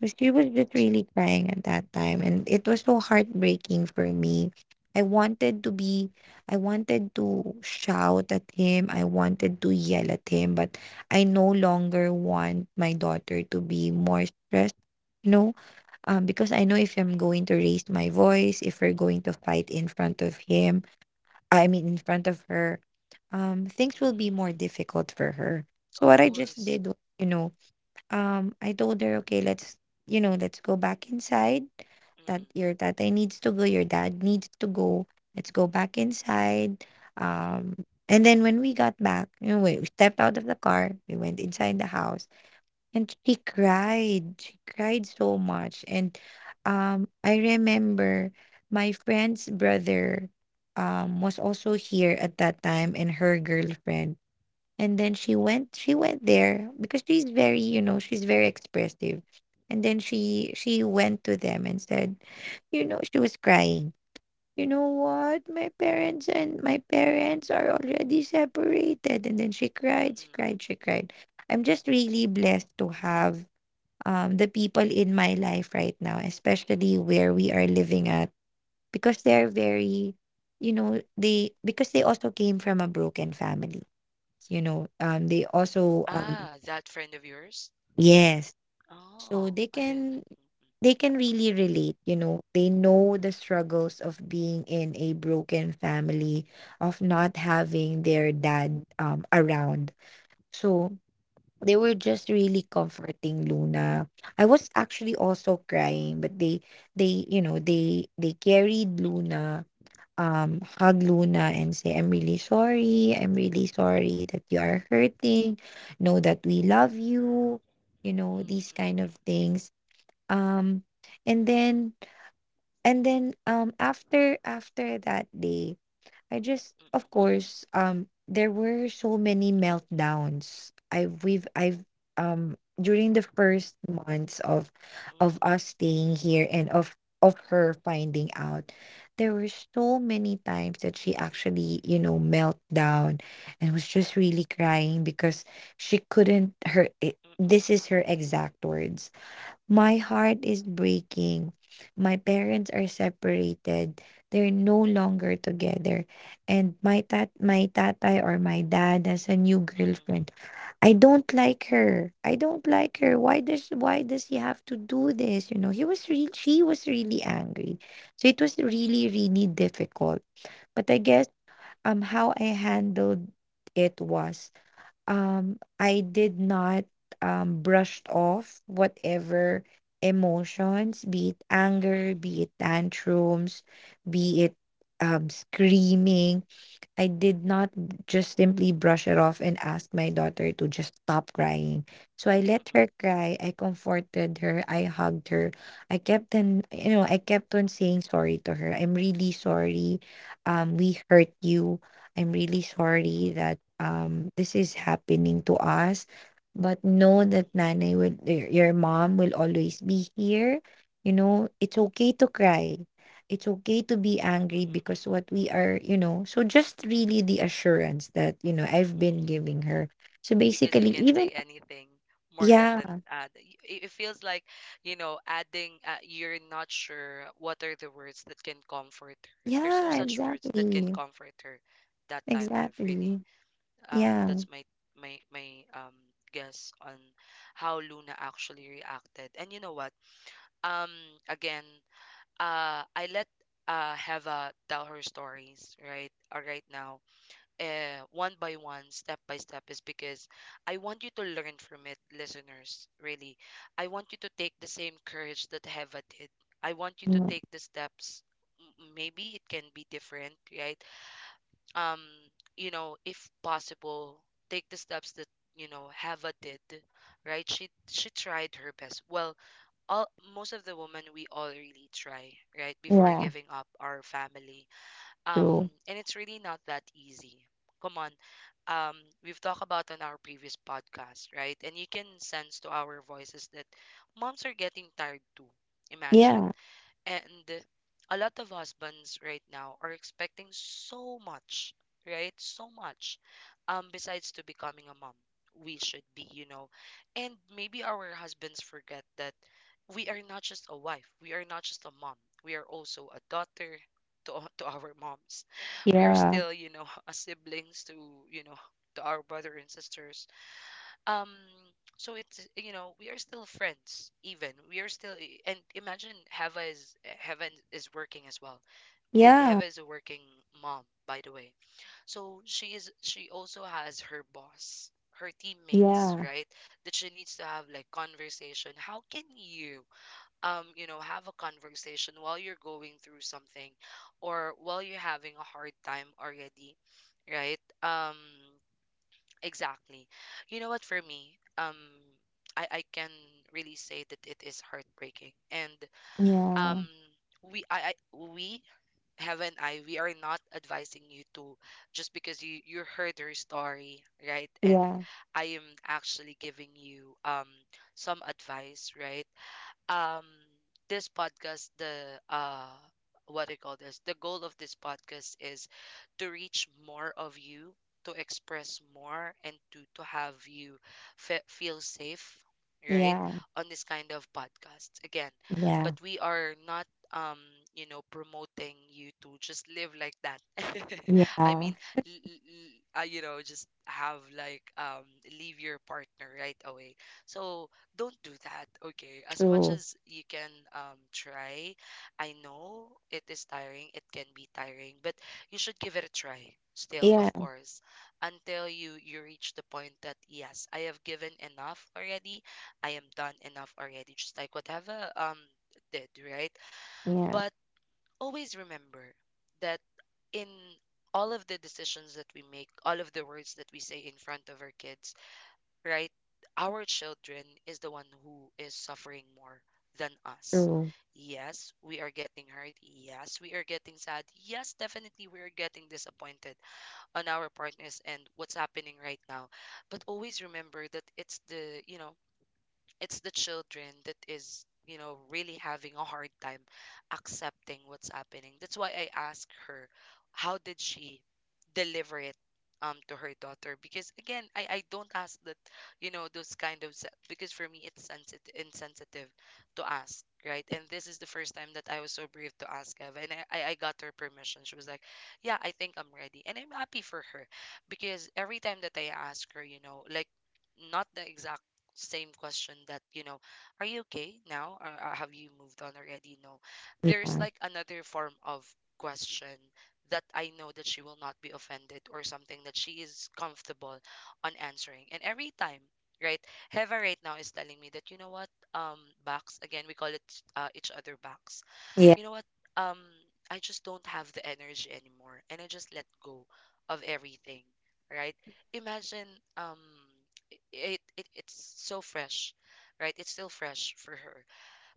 So she was just
Too.
really crying at that time. And it was so heartbreaking for me. I wanted to be, I wanted to shout at him. I wanted to yell at him, but I no longer want my daughter to be more stressed, you know, because I know if
Mm-mm.
I'm going to raise my voice, if we're going to fight in front of him, I mean, in front of her, things will be
Mm-mm.
more difficult for her. So what
Of
I just
course.
did was, I told her, okay, let's, you know, let's go back inside. That your
Mm-mm.
tatay needs to go, your dad needs to go. Let's go back inside.
Mm-mm.
Um, and then when we got back, you know, we stepped out of the car, we went inside the house, and she cried. She cried so
Mm-mm.
much. And I remember my friend's brother
Mm-mm.
was
Mm-mm.
also here at that time, and her girlfriend. And then she went there because she's very, you know, she's very expressive. And then she
Mm.
she went to them and said, you know, she was crying. You know what? My parents are already separated. And then
Mm-mm.
she cried. I'm just really blessed to have, the people in my life right now, especially where we are living at, because they're very, you know, they, because they also came from a broken family. You know, they also
Ah, that friend of yours?
yes, so
Oh,
they
I didn't know.
can, they
Mm-mm.
can really relate. You know, they know the struggles of being in a broken family, of not having their dad around. So they were just really comforting Luna. I was actually also crying, but they you know they carried Luna, hug Luna and say, I'm really sorry that you are hurting. Know that we love you, you know, these kind of things. Um and then and then after that day, I just,
Mm-mm.
of course, there were so many meltdowns. I've we've I've during the first months of
Mm-mm. Mm-mm.
us staying here, and of her finding out, there were so many times that she actually, you know, melt down and was just really crying because she couldn't her it,
Mm-mm.
this is her exact words: my heart is breaking. My parents are separated. They're no longer together. And my tatay, or my dad, has a new
Mm-mm,
girlfriend. I don't like her. Why does he have to do this? You know, he was really she was really angry. So it was
mm-mm,
really, really difficult. But I guess, how I handled it was, I did not, brushed off whatever emotions, be it anger,
mm-mm,
be it tantrums, be it, screaming. I did not just simply brush it off and ask my daughter to just stop crying. So I
mm-mm,
let her
mm-mm,
cry. I comforted her. I hugged her. I kept on, you know, I kept on saying sorry to her. I'm really sorry. We hurt you. I'm really sorry that this is happening to us. But know that
mm-mm,
Nanay will, your mom will always be here. You know, it's okay to cry, it's okay to be angry,
mm-mm,
because
mm-mm,
what we are, you know, so just really the assurance that, you know, I've
mm-mm.
been giving her. So
Because
basically,
you can't
even,
say anything more than
yeah,
than uh, th- y- it it feels like you know adding you're not sure what are the words that can comfort her. There's no
yeah,
such words that can
exactly,
comfort her that time have
exactly.
really.
Yeah,
That's my guess on how Luna actually reacted. And you know what? Um, again, I let Heva tell her stories, right, right now, one by one, step by step, is because I want you to learn from it, listeners, really. I want you to take the same courage that Heva did. I want you to
yeah,
take the steps. Maybe it can be different, right? um you know, if possible, take the steps that, you know, Heva did. Right, she tried her best. Well, all, most of the women, we all really try, right, before
yeah,
giving up our family. um
true.
and it's really not that easy, come on. um we've talked about on our previous podcast, right, and you can sense to our voices that moms are getting tired too. Imagine,
Yeah,
and a lot of husbands right now are expecting so much, right? So much. Besides to becoming a mom, we should be, you know. And maybe our husbands forget that we are not just a wife, we are not just a mom, we are also a daughter to, to our moms. We are
yeah,
still, you know, a siblings to, you know, to our brother and sisters. um so it's, you know, we are still friends, even we are still. And imagine Hava is, Hava is working as well.
yeah,
Hava is a working mom, by the way. So she is, she also has her boss, her teammates, right, that she needs to have like conversation. How can you, um, you know, have a conversation while you're going through something or while you're having a hard time already, right? Exactly. You know what, for me, um, I can really say that it is heartbreaking. And um,
yeah,
we have, and I we are not advising you to, just because you heard her story, right? And
yeah,
I am actually giving you, um, some advice, right? um this podcast, the what do you call this, the goal of this podcast is to reach more of you, to express more, and to have you feel safe, right,
yeah,
on this kind of podcast again.
yeah, yeah,
But we are not, um, you know, promoting you to just live like that. I
yeah,
mean, l- l- you know, just have like, um, leave your partner right away. So don't do that, okay? As much
true.
as you can, um, try. I know it is tiring, it can be tiring, but you should give it a try, still,
Yeah,
of course, until you reach the point that yes, I have given enough already, I am done enough already, just like whatever, um, did, right?
yeah,
But always remember that in all of the decisions that we make, all of the words that we say in front of our kids, right? Our children is the one who is suffering more than us.
true.
Yes, we are getting hurt. Yes, we are getting sad. Yes, definitely we are getting disappointed on our partners and what's happening right now. But always remember that it's the, you know, it's the children that is, you know, really having a hard time accepting what's happening. That's why I asked her how did she deliver it, um, to her daughter. Because again, I don't ask that, you know, those kind of because for me it's sensitive, insensitive to ask, right? And this is the first time that I was so brave to ask Ev, and I got her permission. She was like, yeah, I think I'm ready. And I'm happy for her. Because every time that I ask her, you know, like, not the exact same question that, you know, are you okay now, or, have you moved on already, no. There's
Yeah,
like another form of question that I know that she will not be offended, or something that she is comfortable on answering. And every time, right, Heva right now is telling me that, you know what, um, box again, we call it each other box.
yeah,
You know what? Um, I just don't have the energy anymore, and I just let go of everything, right? Imagine, um, it it's so fresh, right? It's still fresh for her,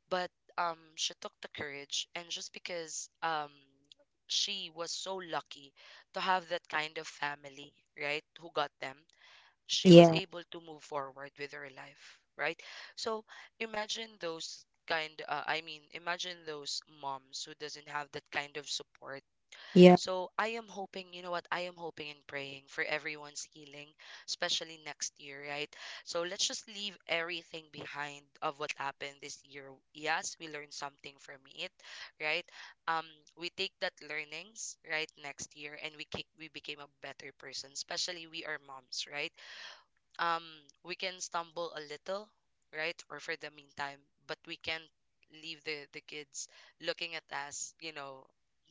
but she took the courage, and just because, she was so lucky to have that kind of family, right? Who got them, she was
yeah,
able to move forward with her life, right? So imagine those kind, I mean, imagine those moms who doesn't have that kind of support.
yeah,
So I am hoping, you know what? I am hoping and praying for everyone's healing, especially next year, right? So let's just leave everything behind of what happened this year. Yes, we learned something from it, right? Um we take that learnings, right, next year, and we became a better person, especially we are moms, right? um we can stumble a little, right, or for the meantime, but we can't leave the kids looking at us, you know,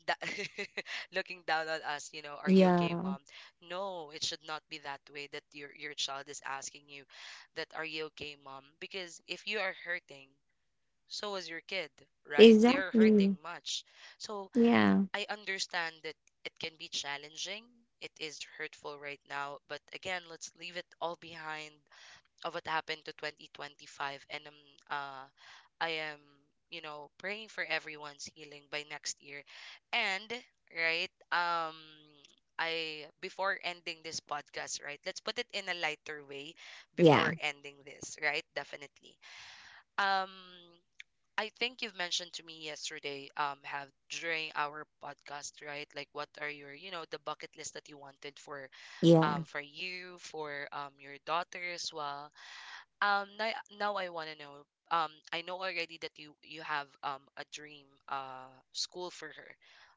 that looking down on us, you know, are you okay,
yeah,
mom? No, it should not be that way, that your child is asking you that, are you okay, mom? Because if you are hurting, so is your kid, right? They're hurting
exactly.
much. So
Yeah,
I understand that it can be challenging, it is hurtful right now, but again, let's leave it all behind of what happened to 2025. And um uh I am, you know, praying for everyone's healing by next year. And right, um, I, before ending this podcast, right, let's put it in a lighter way. Before
yeah.
ending this, right, definitely, um, I think you've mentioned to me yesterday, um, have, during our podcast, right, like what are your, you know, the bucket list that you wanted for,
Yeah,
um, for you, for um, your daughter as well. Um, now, now I want to know. I know already that you have, um, a dream school for her,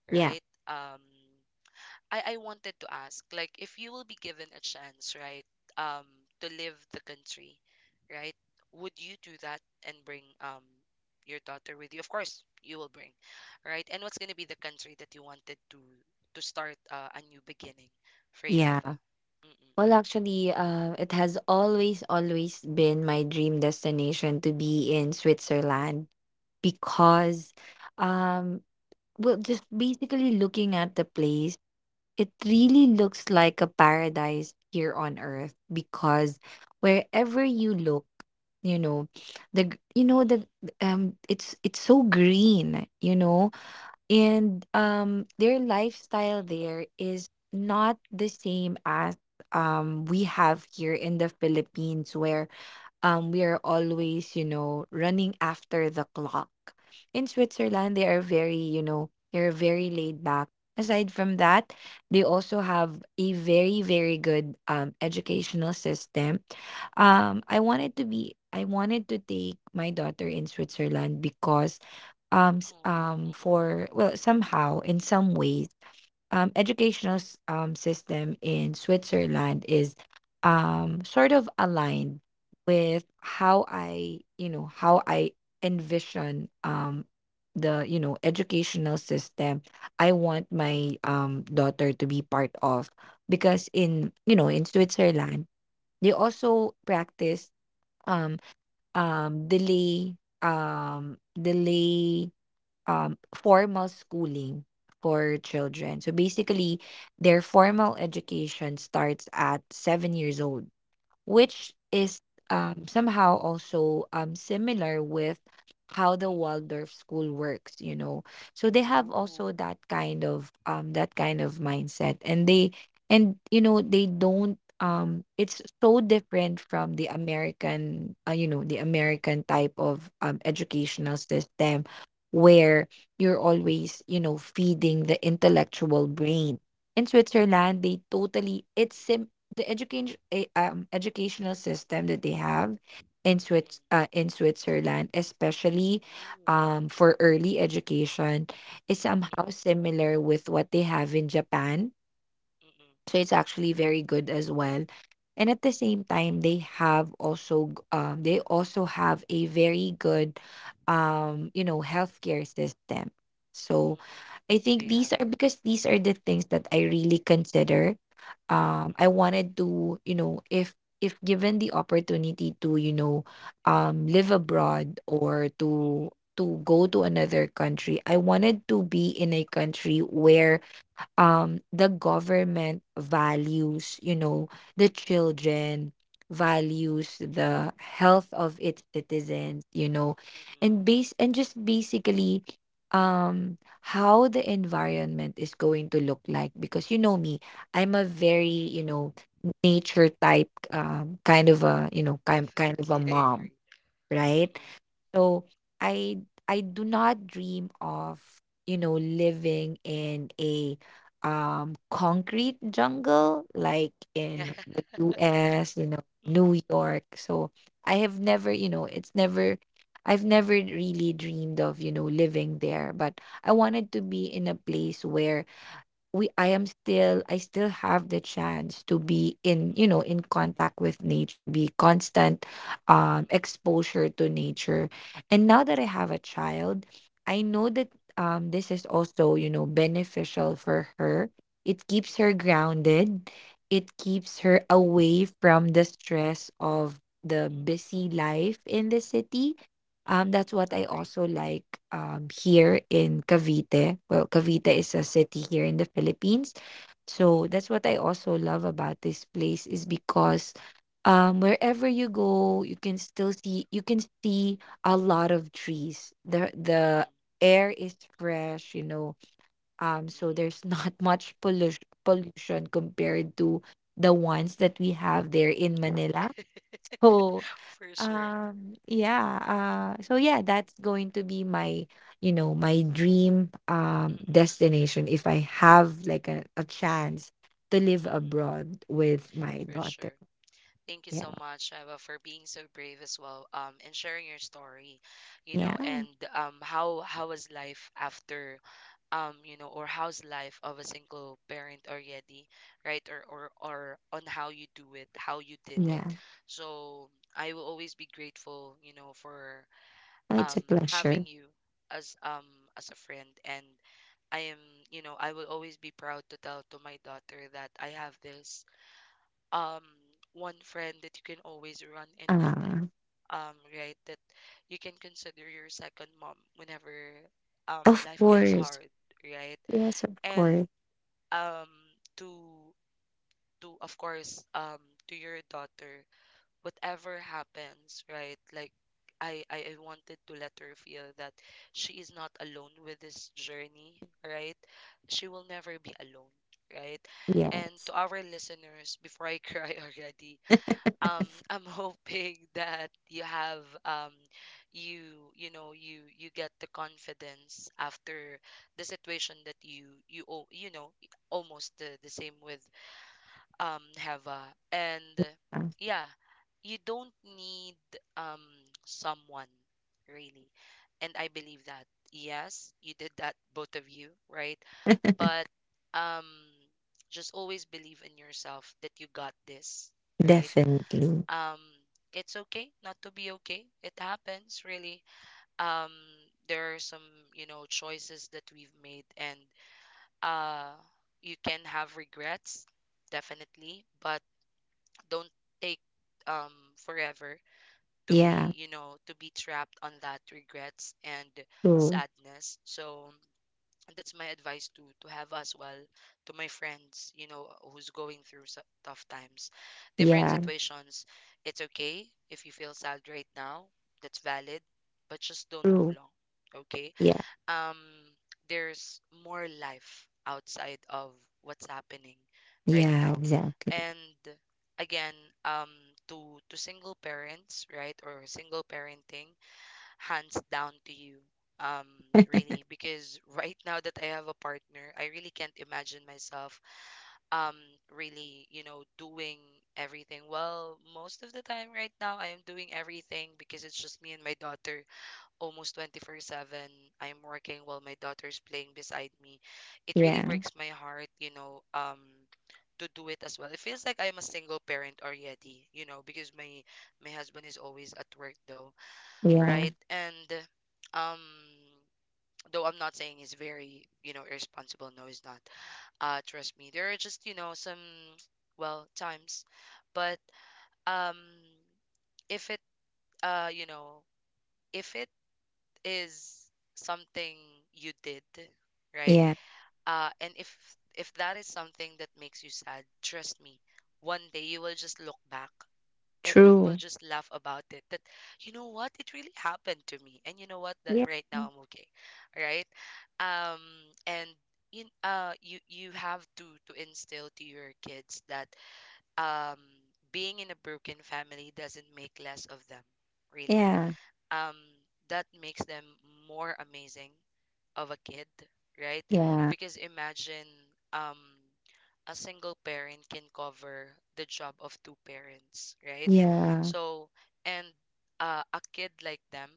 yeah,
right? I wanted to ask, like, if you will be given a chance, right, um, to leave the country, right, would you do that and bring, um, your daughter with you? Of course, you will bring, right? And what's gonna be the country that you wanted to start, a new beginning for you,
yeah.
Eva? Mm-mm,
Well, actually, it has always, always been my dream destination to be in Switzerland, because, um, well, just basically looking at the place, it really looks like a paradise here on earth, because wherever you look, you know, the gr- you know
mm-mm,
the it's so green, you know, and their lifestyle
mm-mm,
there is not the same as we have here in the Philippines, where we are always, you know, running after the clock. In Switzerland, they are very, you know, they're
mm-mm.
very laid back. Aside from that, they also have a very, very good educational system. I wanted to be, I wanted to take my daughter in Switzerland because,
Mm, mm-mm.
for, well, somehow in some ways, system in Switzerland is, sort of aligned with how I, you know, how I envision, the, you know, educational system I want my daughter to be part of, because in, you know, in Switzerland, they also practice, um um delay delay, formal schooling for children. So basically, their formal education starts at 7 years old, which is, somehow also similar with how the
Mm.
Waldorf school works, you know. So they have
Ooh.
also that kind of, that kind of mindset, and they and you know they don't. It's so different from the American, you know, the American type of, educational system, where you're
Mm-mm.
always, you know, feeding the intellectual brain. In Switzerland, they totally, it's sim the education educational system that they have in
Mm-mm.
Swiss in Switzerland, especially,
Ooh.
for early education, is somehow
Mm-mm.
similar with what they have in Japan,
Mm-mm.
so it's actually very good as well. And at the same time, they
Mm-mm.
have also they also have a very good, you know, healthcare system. So
Mm-mm.
I think
They
these
have.
are, because these are the things that I really consider.
Mm-mm.
I wanted to, you know, if given the opportunity to, you know, live abroad, or to
Mm-mm.
go to another country, I wanted to be in a country where the government
Mm-mm.
values, you know, the children, values the health of its citizens, you know,
Mm-mm.
and base and just basically how the environment is going to look like, because you know me, I'm a very,
Mm-mm.
you know, nature type, kind of a, you know, kind of a
Definitely, I
mom,
agree.
right?
Mm-mm.
So I do not dream of, you know, living in a concrete jungle like in the US, you know,
Mm-mm.
New York. So I have never, you know, it's never, I've never really dreamed of, you know, living there, but I wanted to be in a place where we I still have the chance to be in, you know, in
Mm-mm.
contact with nature, be constant
Mm-mm.
exposure to nature. And now that I have a child, I know that this is also, you know, beneficial for her. It keeps her
Mm-mm.
grounded, it keeps her away from the stress of the
Mm-mm.
busy life in the city. Um, that's
Mm.
what I
Agree.
also like, here in Cavite. Well, Cavite is a
Mm-mm.
city here in the Philippines. So
Mm-mm.
that's what I also love about this place, is because, wherever you go, you can still see, you can see a lot of trees. The
Mm-mm.
air is fresh, you know. So there's not much pollution compared to the ones that we have there in Manila.
Mm-mm.
So,
For sure.
yeah, so yeah, that's going to be my, you know, my dream
Mm-mm.
destination, if I have like a chance to live
Mm-mm.
abroad with my
For
daughter.
sure. Thank you so
Yeah,
much, Eva, for being so brave as well, and sharing your story, you know,
yeah,
and how was life after, you know, or how's life of a single parent already, right? Or on how you do it, how you did it.
yeah.
So I will always be grateful, you know, for
Oh, it's
um,
a
having
pleasure.
you as um, as a friend, and I am, you know, I will always be proud to tell to my daughter that I have this, um, one friend that you can always run into,
Uh,
um, right, that you can consider your second mom whenever, um,
of
life gets
course.
hard, right.
Yes, of
And
course.
um, to to, of course, um, to your daughter, whatever happens, right, like I wanted to let her feel that she is not alone with this journey, right? She will never be alone, right?
Yeah,
And to our listeners, before I cry already, um, I'm hoping that you have, um, you you know, you get the confidence after the situation that you know, almost the same with um, Heva, and
uh,
yeah, you don't need, um, someone, really. And I believe that yes, you did that, both of you, right? But um, just always believe in yourself that you got this, right.
definitely.
Um, it's okay not to be okay, it happens really. Um, there are some, you know, choices that we've made, and uh, you can have regrets, definitely, but don't take, um, forever to
Yeah,
be, you know, to be trapped on that regrets and
true.
sadness. So that's my advice to have as well, to my friends, you know, who's going through tough times, different
Yeah,
situations. It's okay if you feel sad right now, that's valid, but just don't too
true.
long, okay?
Yeah,
Um, there's more life outside of what's happening right
yeah,
now.
exactly.
And again, um, to single parents, right, or single parenting, hands down to you. Um, Really, because right now that I have a partner, I really can't imagine myself um really, you know, doing everything. Well, most of the time right now I am doing everything because it's just me and my daughter almost 24/7. I am working while my daughter is playing beside me. It really
Yeah,
breaks my heart, you know, to do it as well. It feels like I'm a single parent already, you know, because my husband is always at work, though,
yeah,
right? And um, though I'm not saying he's very, you know, irresponsible. No, he's not. Trust me. There are just, you know, some well times, but um, if it, uh, you know, if it is something you did, right?
yeah,
And if that is something that makes you sad, trust me, one day you will just look back and we'll
true.
just laugh about it, that, you know what, it really happened to me, and you know what, that
Yeah.
right now I'm okay, right? um and in you have to instill to your kids that um being in a broken family doesn't make less of them, really.
Yeah,
um that makes them more amazing of a kid, right?
yeah,
Because imagine, um a single parent can cover the job of two parents, right?
yeah,
So, and a kid like them,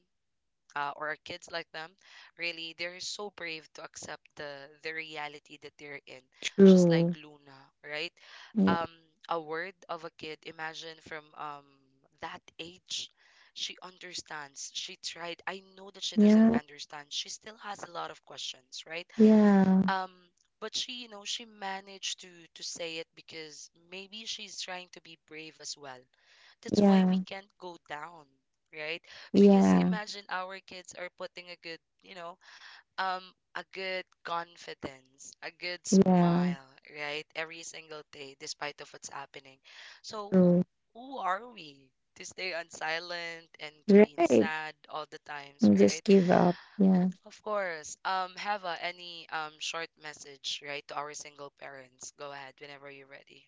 or kids like them, really, they're so brave to accept the reality that they're in. Just like
true.
Luna, right?
Yeah,
Um, a word of a kid. Imagine from that age, she understands. She tried. I know that she doesn't
yeah,
understand. She still has a lot of questions, right?
yeah,
Um, but she, you know, she managed to say it because maybe she's trying to be brave as well. That's why we
yeah,
can't go down, right? Because
yeah,
imagine our kids are putting a good, you know, um a good confidence, a good
yeah,
smile, right, every single day, despite of what's happening. So who
true.
who are we to stay on silent and to being
Right.
sad all the times, right?
Just give up. Yeah.
Of course. Have any short message, right, to our single parents? Go ahead whenever you're ready.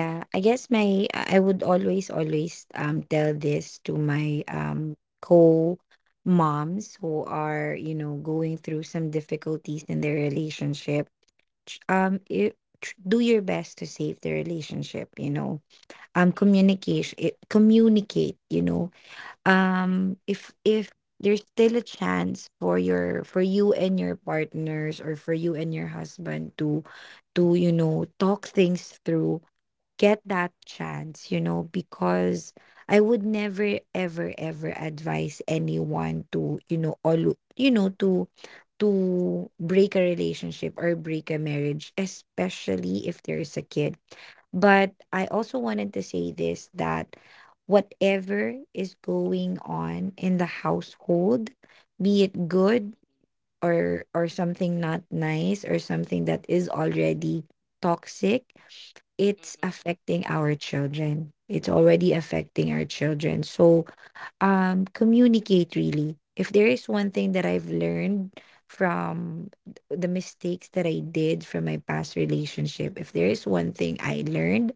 Mm-hmm.
I guess my, I would always, always tell this to my co moms who are, you know, going through some difficulties in their relationship. Do your best to save the relationship, you know,
Mm-mm.
communication, communicate, you know, if there's still a chance for your for you and your partners, or for you and your husband, to you know, talk things through, get that chance, you know, because I would never ever ever advise anyone to, you know, to to break a relationship or break a marriage, especially if there is a kid. But I
Mm-mm.
also wanted to say this, that whatever is going on in the household, be it good, or something not nice, or something that is already toxic,
Mm-mm.
it's
Mm-mm.
affecting our children. It's already affecting our children. So, communicate really. If there is one thing that I've learned from the mistakes that I did from my past
Mm-mm.
relationship, if there is one thing I learned,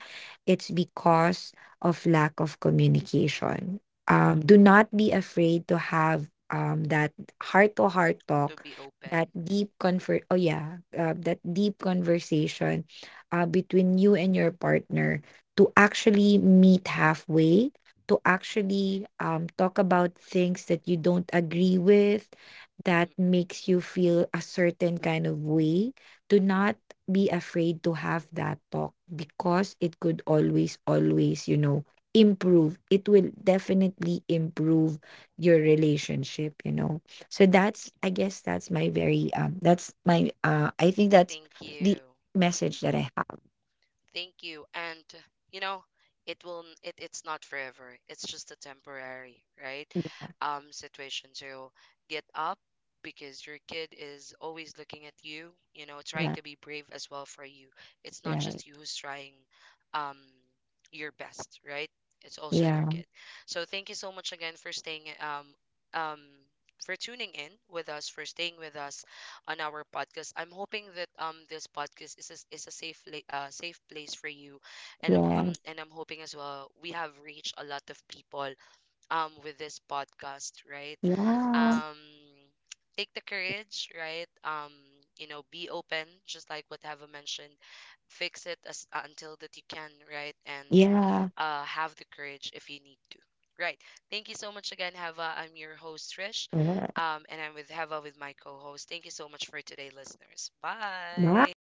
it's because of lack of communication.
Mm.
Do not be afraid to have that heart to heart
To
talk,
be open.
that oh yeah, that deep conversation, between you and your partner, to actually meet halfway, to
Mm-mm.
actually, talk about things that you don't agree with, that
Mm-mm.
makes you feel a certain kind of way. Do not be afraid to have that talk, because it could always, always, you know, improve, it will definitely improve your relationship, you know. So that's, I guess, that's my very that's my I think that's
Thank
the
you.
message that I have.
Thank you. And, you know, it will it's not forever. It's just a temporary, right? Situation. So get up, because your kid is always looking at you, you know, trying
Yeah,
to be brave as well for you. It's not
right, right,
just you who's trying um your best, right? It's also your
yeah,
kid. So thank you so much again for staying um for tuning in with us, for staying with us on our podcast. I'm hoping that this podcast is a safe place for you, and
yes,
I'm hoping as well we have reached a lot of people with this podcast, right?
yeah.
Um, Take the courage, right? You know, be open, just like what Hava mentioned. Fix it as until that you can, right? And
Yeah.
have the courage if you need to. Right. Thank you so much again, Heva. I'm your host, Trish,
Yeah.
and I'm with Heva, with my co host. Thank you so much for today, listeners.
My
Bye.